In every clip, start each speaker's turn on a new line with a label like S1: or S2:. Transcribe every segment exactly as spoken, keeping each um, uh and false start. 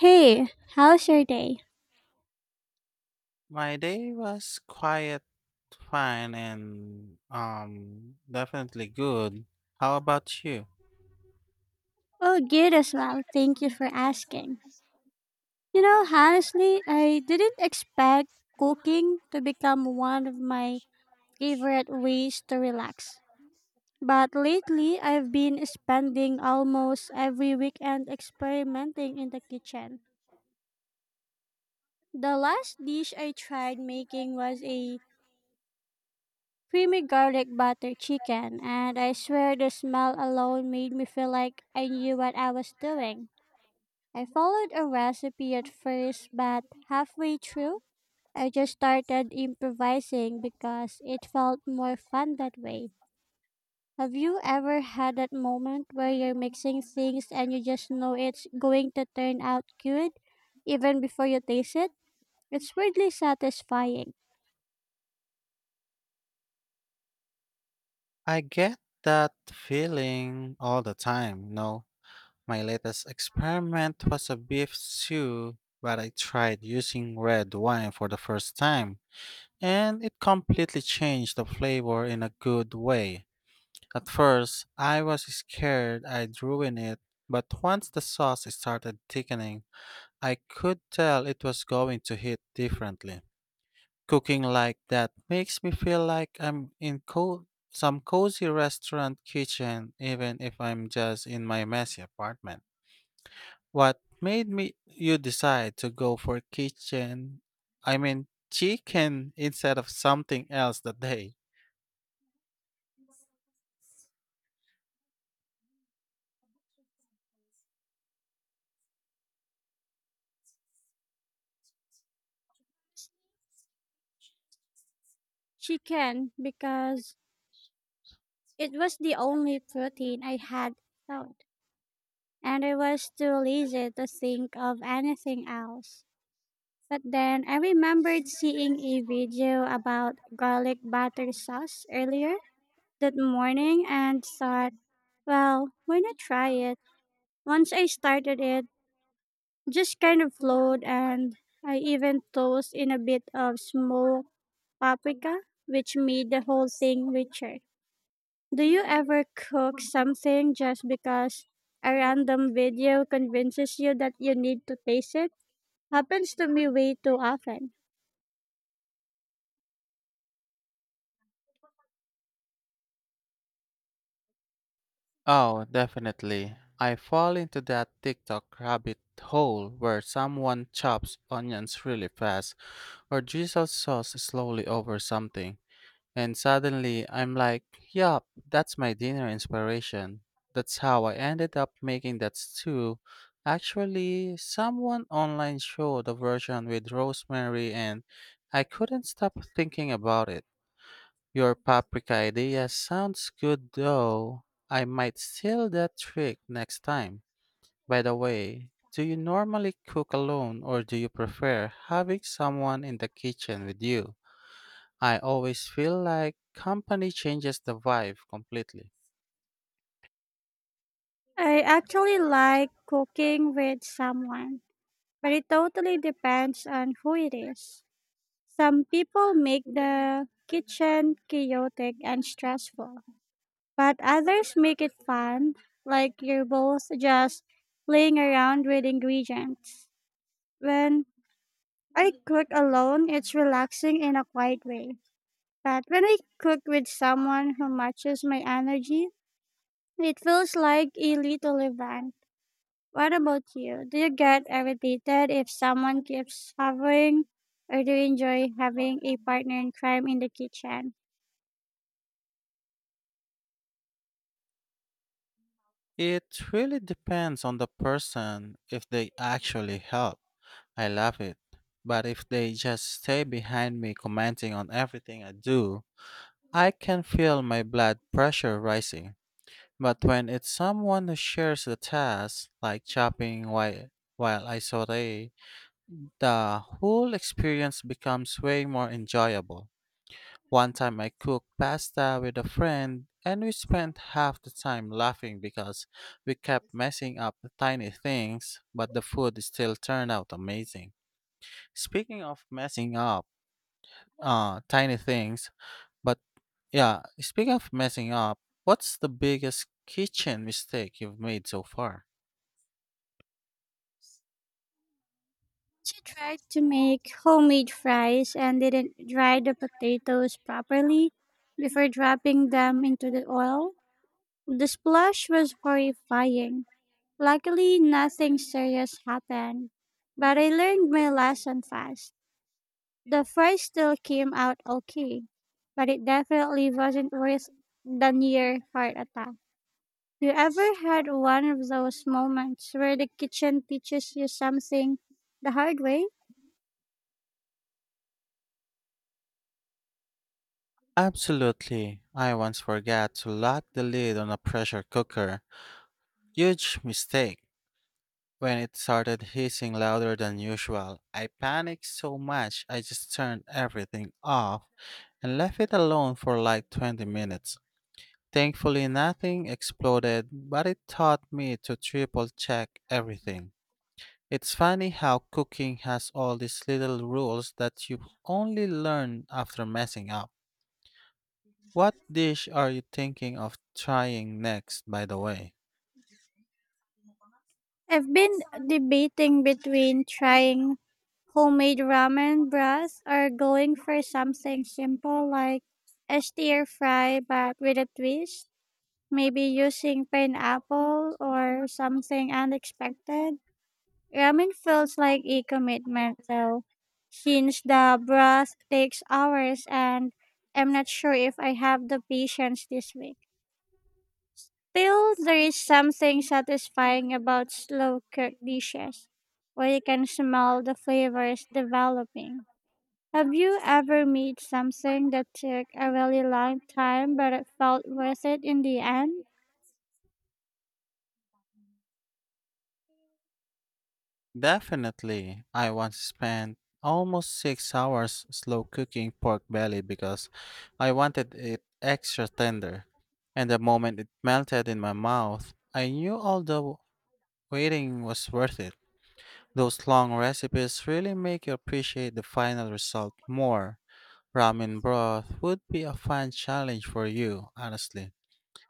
S1: Hey, how's your day?
S2: My day was quiet, fine, and um definitely good. How about you?
S1: Oh, good as well. Thank you for asking. You know, honestly, I didn't expect cooking to become one of my favorite ways to relax. But lately, I've been spending almost every weekend experimenting in the kitchen. The last dish I tried making was a creamy garlic butter chicken, and I swear the smell alone made me feel like I knew what I was doing. I followed a recipe at first, but halfway through, I just started improvising because it felt more fun that way. Have you ever had that moment where you're mixing things and you just know it's going to turn out good even before you taste it? It's weirdly satisfying.
S2: I get that feeling all the time, no? My latest experiment was a beef stew, but I tried using red wine for the first time, and it completely changed the flavor in a good way. At first, I was scared I'd ruin it, but once the sauce started thickening, I could tell it was going to hit differently. Cooking like that makes me feel like I'm in co- some cozy restaurant kitchen, even if I'm just in my messy apartment. What made me you decide to go for kitchen? I mean, chicken instead of something else that day.
S1: Chicken, because it was the only protein I had found, and I was too lazy to think of anything else. But then I remembered seeing a video about garlic butter sauce earlier that morning and thought, well, why not try it? Once I started it, just kind of flowed and I even tossed in a bit of smoked paprika, which made the whole thing richer. Do you ever cook something just because a random video convinces you that you need to taste it? Happens to me way too often.
S2: Oh, definitely. I fall into that TikTok rabbit hole where someone chops onions really fast or Jesus sauce slowly over something, and suddenly I'm like, yup, that's my dinner inspiration. That's how I ended up making that stew. Actually, someone online showed a version with rosemary, and I couldn't stop thinking about it. Your paprika idea sounds good though. I might steal that trick next time. By the way, do you normally cook alone or do you prefer having someone in the kitchen with you? I always feel like company changes the vibe completely.
S1: I actually like cooking with someone, but it totally depends on who it is. Some people make the kitchen chaotic and stressful, but others make it fun, like you're both just playing around with ingredients. When I cook alone, it's relaxing in a quiet way. But when I cook with someone who matches my energy, it feels like a little event. What about you? Do you get irritated if someone keeps hovering, or do you enjoy having a partner in crime in the kitchen?
S2: It really depends on the person if they actually help. I love it. But if they just stay behind me commenting on everything I do, I can feel my blood pressure rising. But when it's someone who shares the task, like chopping while, while I saute, the whole experience becomes way more enjoyable. One time I cooked pasta with a friend and we spent half the time laughing because we kept messing up the tiny things, but the food still turned out amazing. Speaking of messing up uh tiny things, but yeah, Speaking of messing up, what's the biggest kitchen mistake you've made so far?
S1: She tried to make homemade fries and didn't dry the potatoes properly before dropping them into the oil. The splash was horrifying. Luckily, nothing serious happened, but I learned my lesson fast. The fry still came out okay, but it definitely wasn't worse than your heart attack. You ever had one of those moments where the kitchen teaches you something the hard way?
S2: Absolutely. I once forgot to lock the lid on a pressure cooker. Huge mistake. When it started hissing louder than usual, I panicked so much I just turned everything off and left it alone for like twenty minutes. Thankfully, nothing exploded, but it taught me to triple check everything. It's funny how cooking has all these little rules that you only learn after messing up. What dish are you thinking of trying next, by the way?
S1: I've been debating between trying homemade ramen broth or going for something simple like a stir fry but with a twist. Maybe using pineapple or something unexpected. Ramen feels like a commitment, though, since the broth takes hours and I'm not sure if I have the patience this week. Still, there is something satisfying about slow cooked dishes, where you can smell the flavors developing. Have you ever made something that took a really long time but it felt worth it in the end?
S2: Definitely. I once spent almost six hours slow cooking pork belly because I wanted it extra tender. And the moment it melted in my mouth, I knew all the waiting was worth it. Those long recipes really make you appreciate the final result more. Ramen broth would be a fun challenge for you, honestly.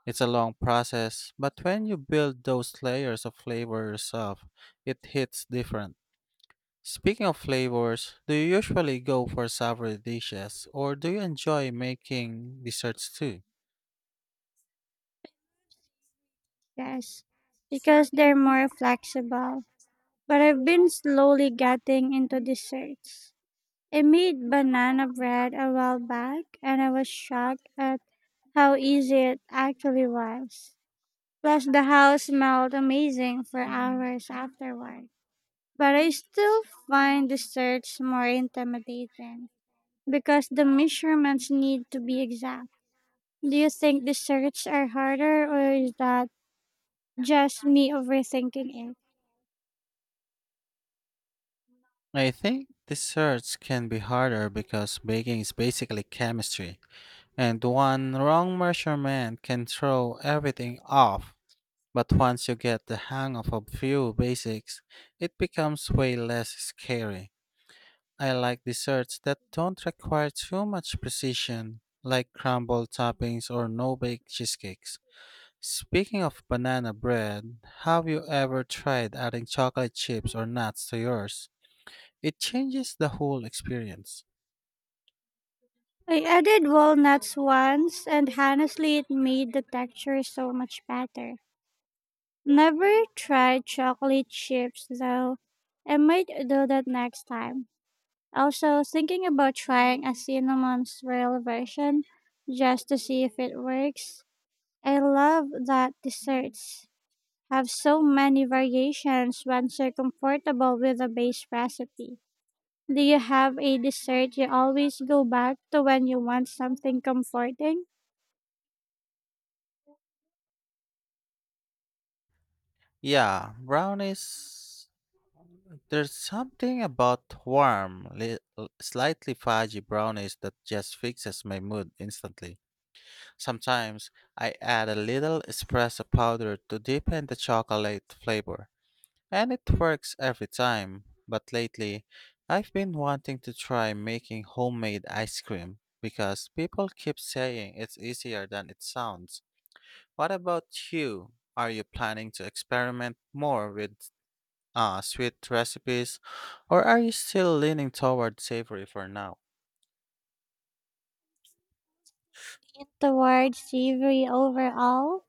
S2: It's a long process, but when you build those layers of flavor yourself, it hits different. Speaking of flavors, do you usually go for savory dishes or do you enjoy making desserts too?
S1: Yes, because they're more flexible. But I've been slowly getting into desserts. I made banana bread a while back and I was shocked at how easy it actually was. Plus, the house smelled amazing for hours afterward. But I still find desserts more intimidating because the measurements need to be exact. Do you think desserts are harder or is that just me overthinking it?
S2: I think desserts can be harder because baking is basically chemistry, and one wrong measurement can throw everything off. But once you get the hang of a few basics, it becomes way less scary. I like desserts that don't require too much precision, like crumble toppings or no bake cheesecakes. Speaking of banana bread, have you ever tried adding chocolate chips or nuts to yours? It changes the whole experience.
S1: I added walnuts once and honestly it made the texture so much better. Never tried chocolate chips though. I might do that next time. Also, thinking about trying a cinnamon swirl version just to see if it works. I love that desserts have so many variations once you're comfortable with the base recipe. Do you have a dessert you always go back to when you want something comforting?
S2: Yeah, brownies. There's something about warm, li- slightly fudgy brownies that just fixes my mood instantly. Sometimes I add a little espresso powder to deepen the chocolate flavor. And it works every time. But lately, I've been wanting to try making homemade ice cream because people keep saying it's easier than it sounds. What about you? Are you planning to experiment more with uh, sweet recipes or are you still leaning toward savory for now?
S1: Lean towards savory overall,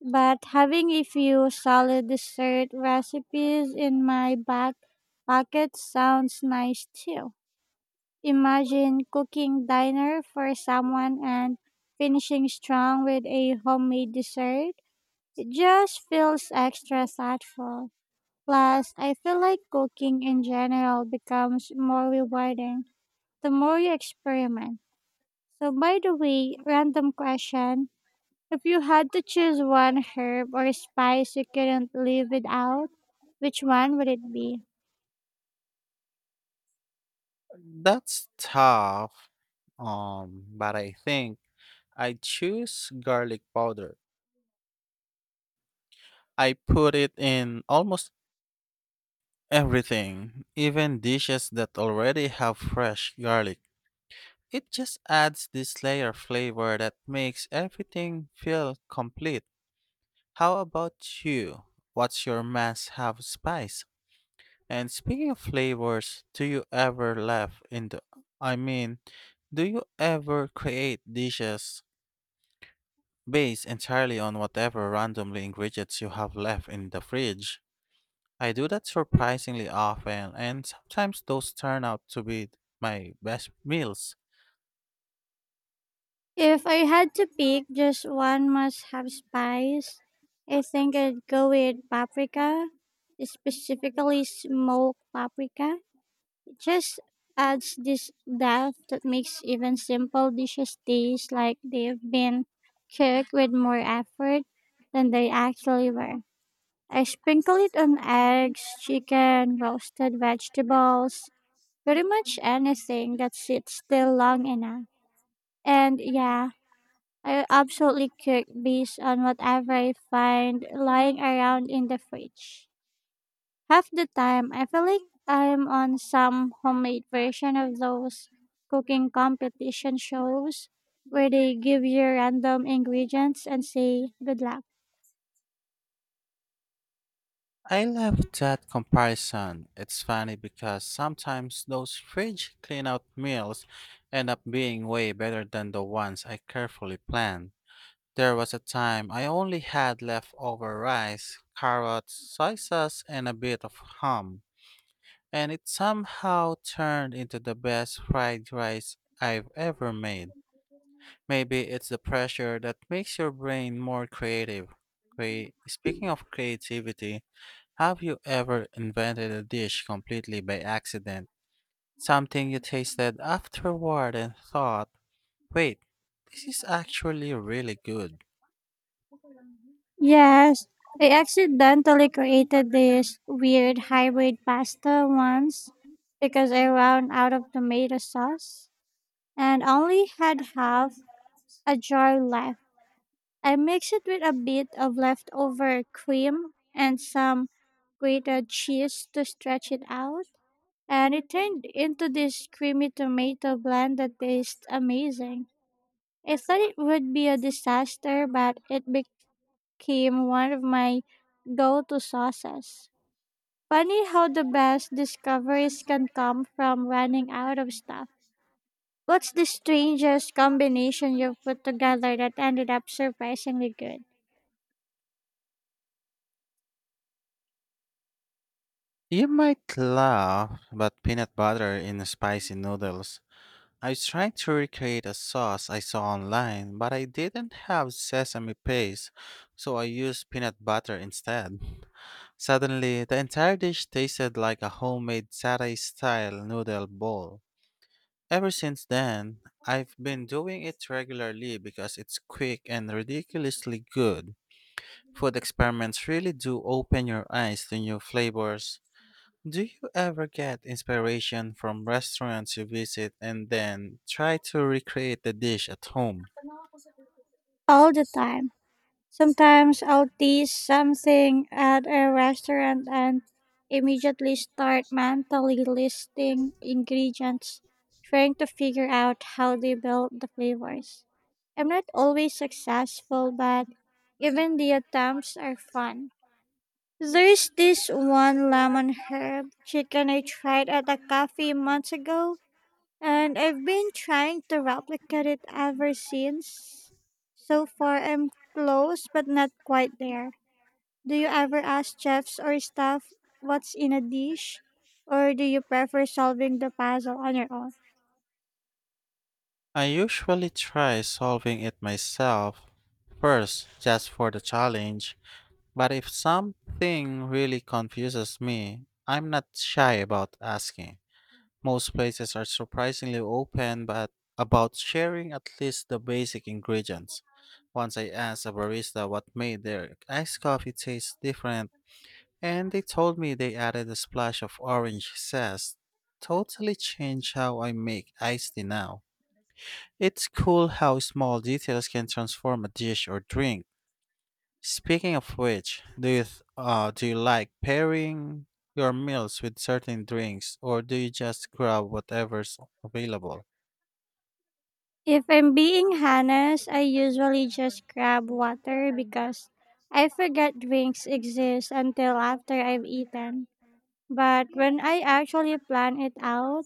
S1: but having a few solid dessert recipes in my back pocket sounds nice too. Imagine cooking dinner for someone and finishing strong with a homemade dessert. It just feels extra thoughtful. Plus, I feel like cooking in general becomes more rewarding the more you experiment. So, by the way, random question: if you had to choose one herb or spice you couldn't live without, which one would it be?
S2: That's tough. Um, but I think I choose garlic powder. I put it in almost everything, even dishes that already have fresh garlic. It just adds this layer of flavor that makes everything feel complete. How about you? What's your must have spice? And speaking of flavors, do you ever laugh in the I mean, do you ever create dishes based entirely on whatever randomly ingredients you have left in the fridge? I do that surprisingly often, and sometimes those turn out to be my best meals.
S1: If I had to pick just one must have spice, I think I'd go with paprika, specifically smoked paprika. It just adds this depth that makes even simple dishes taste like they've been cooked with more effort than they actually were. I sprinkle it on eggs, chicken, roasted vegetables, pretty much anything that sits still long enough. And yeah, I absolutely cook based on whatever I find lying around in the fridge. Half the time, I feel like I'm on some homemade version of those cooking competition shows where they give you random ingredients and say, good luck.
S2: I love that comparison. It's funny because sometimes those fridge clean out meals end up being way better than the ones I carefully planned. There was a time I only had leftover rice, carrots, soy sauce, and a bit of ham, and it somehow turned into the best fried rice I've ever made. Maybe it's the pressure that makes your brain more creative. Crea- Speaking of creativity, have you ever invented a dish completely by accident? Something you tasted afterward and thought, wait, this is actually really good.
S1: Yes, I accidentally created this weird hybrid pasta once because I ran out of tomato sauce and only had half a jar left. I mixed it with a bit of leftover cream and some grated cheese to stretch it out, and it turned into this creamy tomato blend that tastes amazing. I thought it would be a disaster, but it became became one of my go to sauces. Funny how the best discoveries can come from running out of stuff. What's the strangest combination you've put together that ended up surprisingly good?
S2: You might laugh, but peanut butter in spicy noodles. I was trying to recreate a sauce I saw online, but I didn't have sesame paste, so I used peanut butter instead. Suddenly, the entire dish tasted like a homemade satay style noodle bowl. Ever since then, I've been doing it regularly because it's quick and ridiculously good. Food experiments really do open your eyes to new flavors. Do you ever get inspiration from restaurants you visit and then try to recreate the dish at home?
S1: All the time. Sometimes I'll taste something at a restaurant and immediately start mentally listing ingredients, trying to figure out how they build the flavors. I'm not always successful, but even the attempts are fun. There's this one lemon herb chicken I tried at a cafe months ago and I've been trying to replicate it ever since. So far, I'm close, but not quite there. Do you ever ask chefs or staff what's in a dish? Or do you prefer solving the puzzle on your own?
S2: I usually try solving it myself first just for the challenge. But if something really confuses me, I'm not shy about asking. Most places are surprisingly open but about sharing at least the basic ingredients. Once I asked a barista what made their iced coffee taste different, and they told me they added a splash of orange zest. Totally changed how I make iced tea now. It's cool how small details can transform a dish or drink. Speaking of which, do you th- uh, do you like pairing your meals with certain drinks, or do you just grab whatever's available?
S1: If I'm being honest, I usually just grab water because I forget drinks exist until after I've eaten. But when I actually plan it out,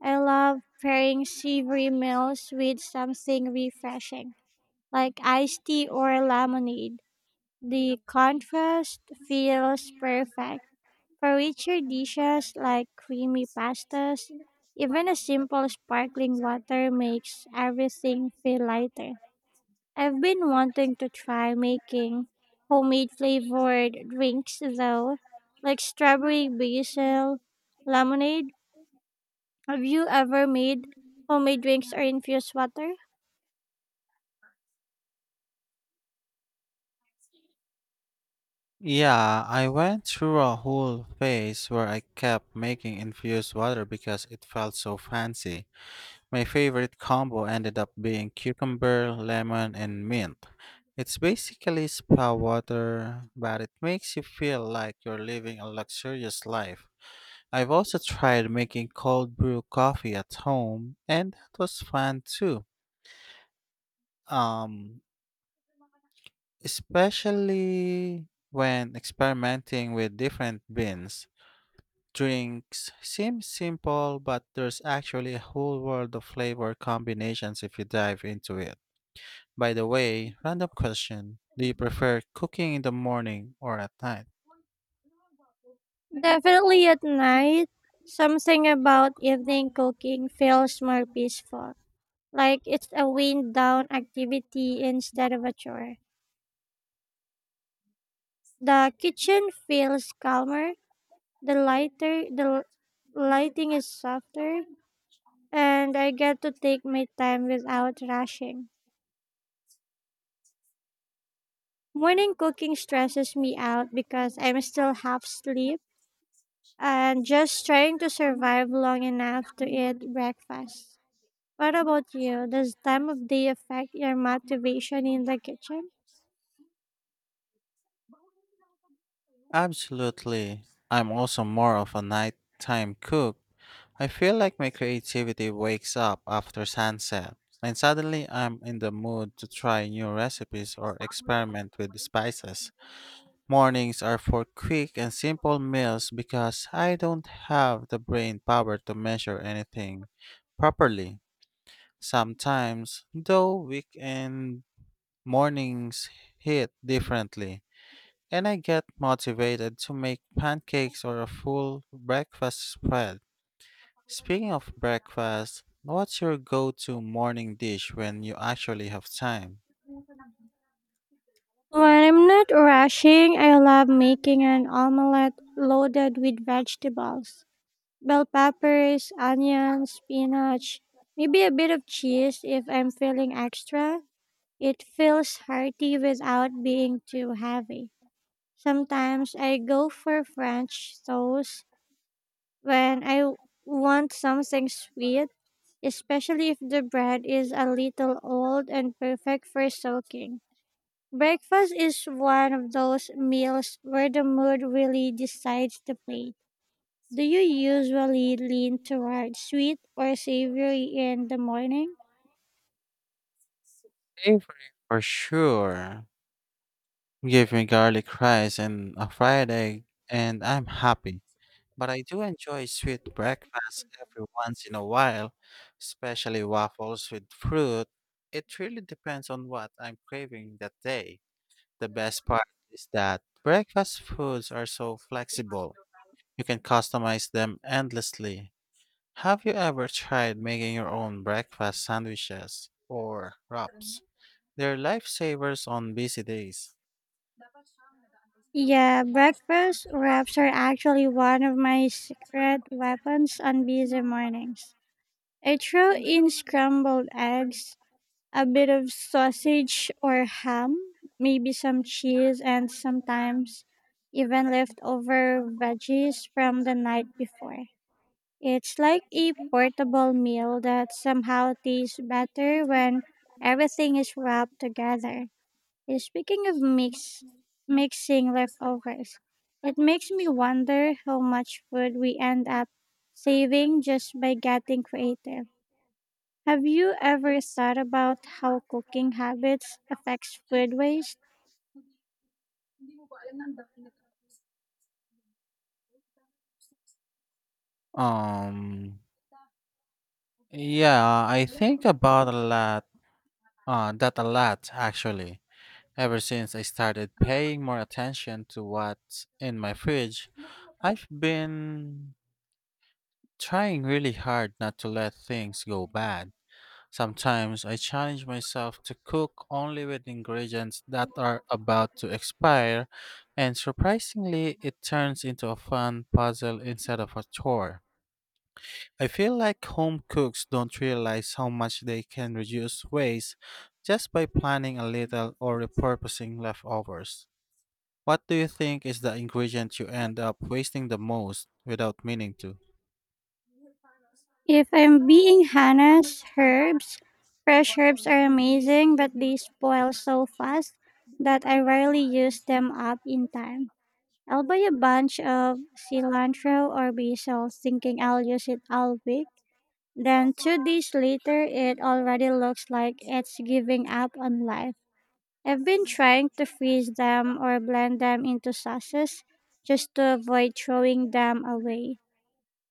S1: I love pairing savory meals with something refreshing, like iced tea or lemonade. The contrast feels perfect. For richer dishes like creamy pastas, even a simple sparkling water makes everything feel lighter. I've been wanting to try making homemade flavored drinks though, like strawberry basil lemonade. Have you ever made homemade drinks or infused water?
S2: Yeah, I went through a whole phase where I kept making infused water because it felt so fancy. My favorite combo ended up being cucumber, lemon, and mint. It's basically spa water, but it makes you feel like you're living a luxurious life. I've also tried making cold brew coffee at home, and that was fun too. Um, Especially when experimenting with different beans. Drinks seem simple, but there's actually a whole world of flavor combinations if you dive into it. By the way, random question. Do you prefer cooking in the morning or at night?
S1: Definitely at night. Something about evening cooking feels more peaceful, like it's a wind down activity instead of a chore. The kitchen feels calmer, the lighter, the l- lighting is softer, and I get to take my time without rushing. Morning cooking stresses me out because I'm still half asleep and just trying to survive long enough to eat breakfast. What about you? Does time of day affect your motivation in the kitchen?
S2: Absolutely. I'm also more of a nighttime cook. I feel like my creativity wakes up after sunset, and suddenly I'm in the mood to try new recipes or experiment with the spices. Mornings are for quick and simple meals because I don't have the brain power to measure anything properly. Sometimes, though, weekend mornings hit differently. And I get motivated to make pancakes or a full breakfast spread. Speaking of breakfast, what's your go to morning dish when you actually have time?
S1: When I'm not rushing, I love making an omelette loaded with vegetables, bell peppers, onions, spinach, maybe a bit of cheese if I'm feeling extra. It feels hearty without being too heavy. Sometimes I go for French toast when I want something sweet, especially if the bread is a little old and perfect for soaking. Breakfast is one of those meals where the mood really decides the plate. Do you usually lean toward sweet or savory in the morning?
S2: Favorite for sure. Give me garlic rice and a fried egg, and I'm happy. But I do enjoy sweet breakfast every once in a while, especially waffles with fruit. It really depends on what I'm craving that day. The best part is that breakfast foods are so flexible. You can customize them endlessly. Have you ever tried making your own breakfast sandwiches or wraps? They're lifesavers on busy days.
S1: Yeah, breakfast wraps are actually one of my secret weapons on busy mornings. I throw in scrambled eggs, a bit of sausage or ham, maybe some cheese, and sometimes even leftover veggies from the night before. It's like a portable meal that somehow tastes better when everything is wrapped together. Uh, Speaking of mix mixing leftovers, it makes me wonder how much food we end up saving just by getting creative. Have you ever thought about how cooking habits affects food waste?
S2: Um, yeah, I think about a lot, uh, that a lot actually. Ever since I started paying more attention to what's in my fridge, I've been trying really hard not to let things go bad. Sometimes I challenge myself to cook only with ingredients that are about to expire, and surprisingly, it turns into a fun puzzle instead of a chore. I feel like home cooks don't realize how much they can reduce waste just by planning a little or repurposing leftovers. What do you think is the ingredient you end up wasting the most without meaning to?
S1: If I'm being honest, herbs, fresh herbs are amazing, but they spoil so fast that I rarely use them up in time. I'll buy a bunch of cilantro or basil thinking I'll use it all week. Then two days later, it already looks like it's giving up on life. I've been trying to freeze them or blend them into sauces just to avoid throwing them away.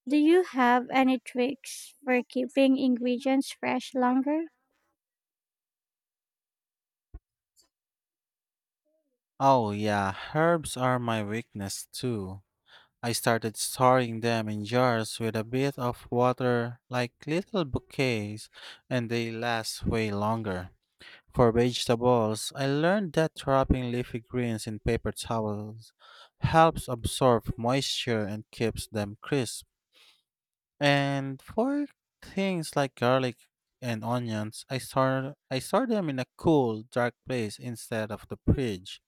S1: Do you have any tricks for keeping ingredients fresh longer?
S2: Oh, yeah, herbs are my weakness too. I started storing them in jars with a bit of water like little bouquets, and they last way longer. For vegetables, I learned that wrapping leafy greens in paper towels helps absorb moisture and keeps them crisp. And for things like garlic and onions, I store I store them in a cool, dark place instead of the fridge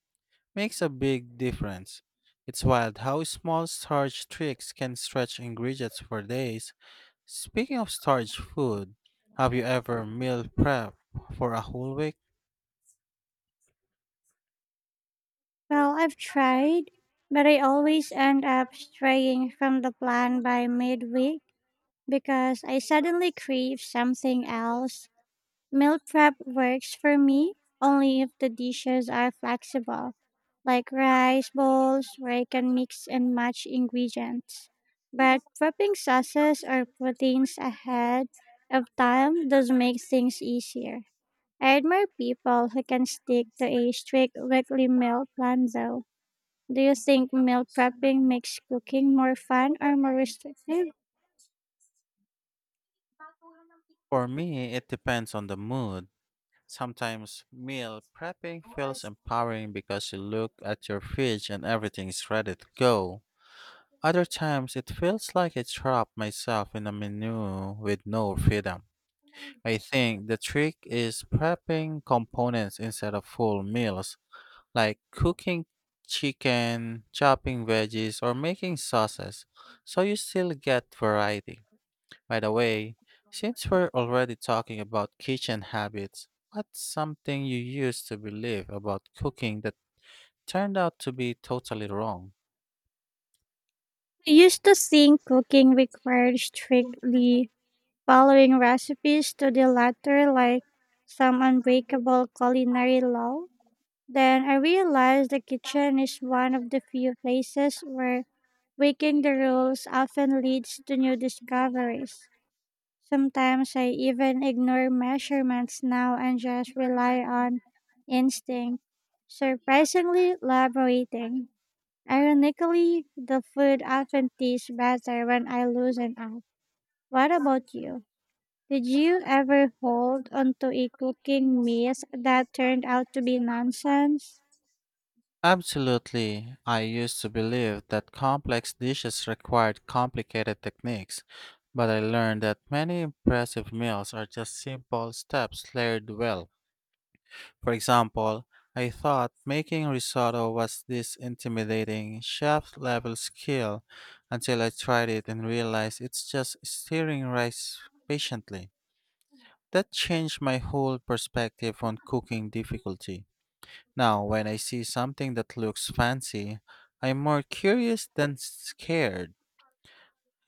S2: makes a big difference. It's wild how small storage tricks can stretch ingredients for days. Speaking of storage food, have you ever meal prep for a whole week?
S1: Well, I've tried, but I always end up straying from the plan by midweek because I suddenly crave something else. Meal prep works for me only if the dishes are flexible, like rice bowls where I can mix and match ingredients. But prepping sauces or proteins ahead of time does make things easier. I admire people who can stick to a strict weekly meal plan though. Do you think meal prepping makes cooking more fun or more restrictive?
S2: For me, it depends on the mood. Sometimes meal prepping feels empowering because you look at your fridge and everything is ready to go. Other times, it feels like I trap myself in a menu with no freedom. I think the trick is prepping components instead of full meals, like cooking chicken, chopping veggies, or making sauces, so you still get variety. By the way, since we're already talking about kitchen habits, what's something you used to believe about cooking that turned out to be totally wrong?
S1: I used to think cooking required strictly following recipes to the letter like some unbreakable culinary law, then I realized the kitchen is one of the few places where breaking the rules often leads to new discoveries. Sometimes I even ignore measurements now and just rely on instinct. Surprisingly liberating. Ironically, the food often tastes better when I loosen up. What about you? Did you ever hold onto a cooking mess that turned out to be nonsense?
S2: Absolutely. I used to believe that complex dishes required complicated techniques, but I learned that many impressive meals are just simple steps layered well. For example, I thought making risotto was this intimidating chef level skill until I tried it and realized it's just stirring rice patiently. That changed my whole perspective on cooking difficulty. Now, when I see something that looks fancy, I'm more curious than scared.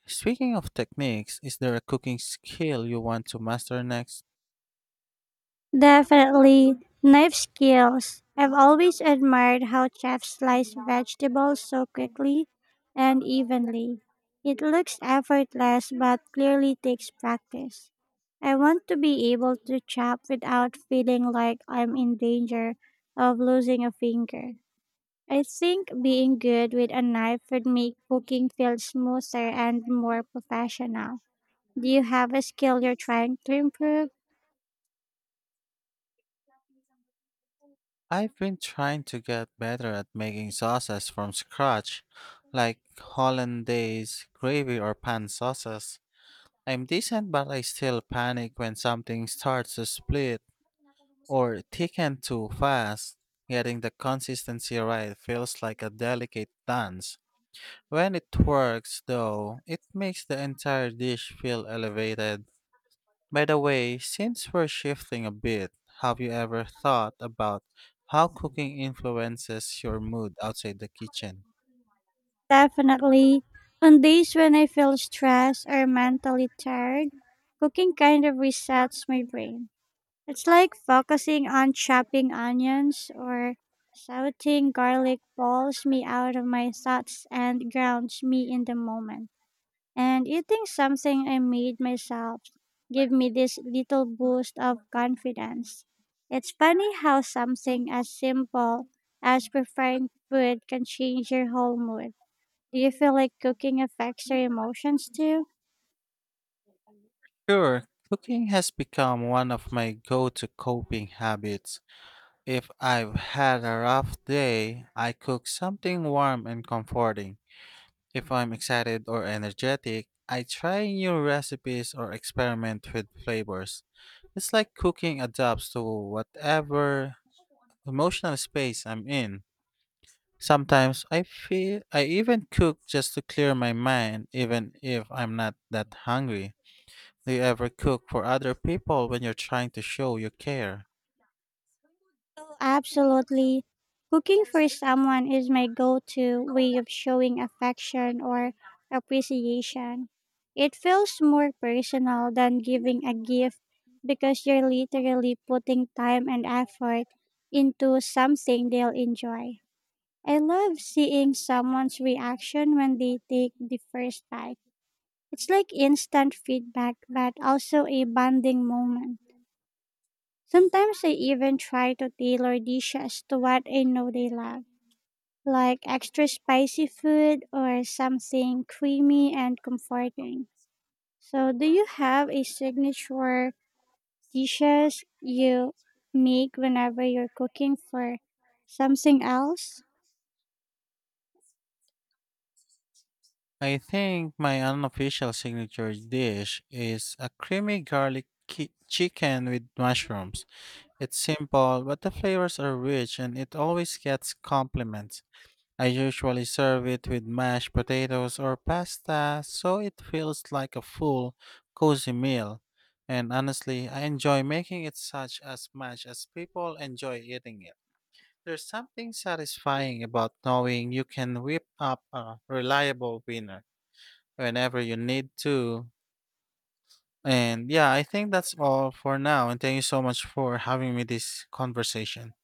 S2: Speaking of techniques, is there a cooking skill you want to master next?
S1: Definitely. Knife skills. I've always admired how chefs slice vegetables so quickly and evenly. It looks effortless but clearly takes practice. I want to be able to chop without feeling like I'm in danger of losing a finger. I think being good with a knife would make cooking feel smoother and more professional. Do you have a skill you're trying to improve?
S2: I've been trying to get better at making sauces from scratch, like hollandaise, gravy, or pan sauces. I'm decent, but I still panic when something starts to split or thicken too fast. Getting the consistency right feels like a delicate dance. When it works, though, it makes the entire dish feel elevated. By the way, since we're shifting a bit, have you ever thought about how cooking influences your mood outside the kitchen?
S1: Definitely. On days when I feel stressed or mentally tired, cooking kind of resets my brain. It's like focusing on chopping onions or sauteing garlic pulls me out of my thoughts and grounds me in the moment. And eating something I made myself gave me this little boost of confidence. It's funny how something as simple as preparing food can change your whole mood. Do you feel like cooking affects your emotions too?
S2: Sure, cooking has become one of my go to coping habits. If I've had a rough day, I cook something warm and comforting. If I'm excited or energetic, I try new recipes or experiment with flavors. It's like cooking adapts to whatever emotional space I'm in. Sometimes I feel I even cook just to clear my mind even if I'm not that hungry. Do you ever cook for other people when you're trying to show you care?
S1: Absolutely. Cooking for someone is my go to way of showing affection or appreciation. It feels more personal than giving a gift because you're literally putting time and effort into something they'll enjoy. I love seeing someone's reaction when they take the first bite. It's like instant feedback, but also a bonding moment. Sometimes I even try to tailor dishes to what I know they love, like extra spicy food or something creamy and comforting. So, do you have a signature dishes you make whenever you're cooking for something else?
S2: I think my unofficial signature dish is a creamy garlic ki- chicken with mushrooms. It's simple, but the flavors are rich and it always gets compliments. I usually serve it with mashed potatoes or pasta, so it feels like a full, cozy meal. And honestly, I enjoy making it such as much as people enjoy eating it. There's something satisfying about knowing you can whip up a reliable winner whenever you need to. And yeah, I think that's all for now. And thank you so much for having me this conversation.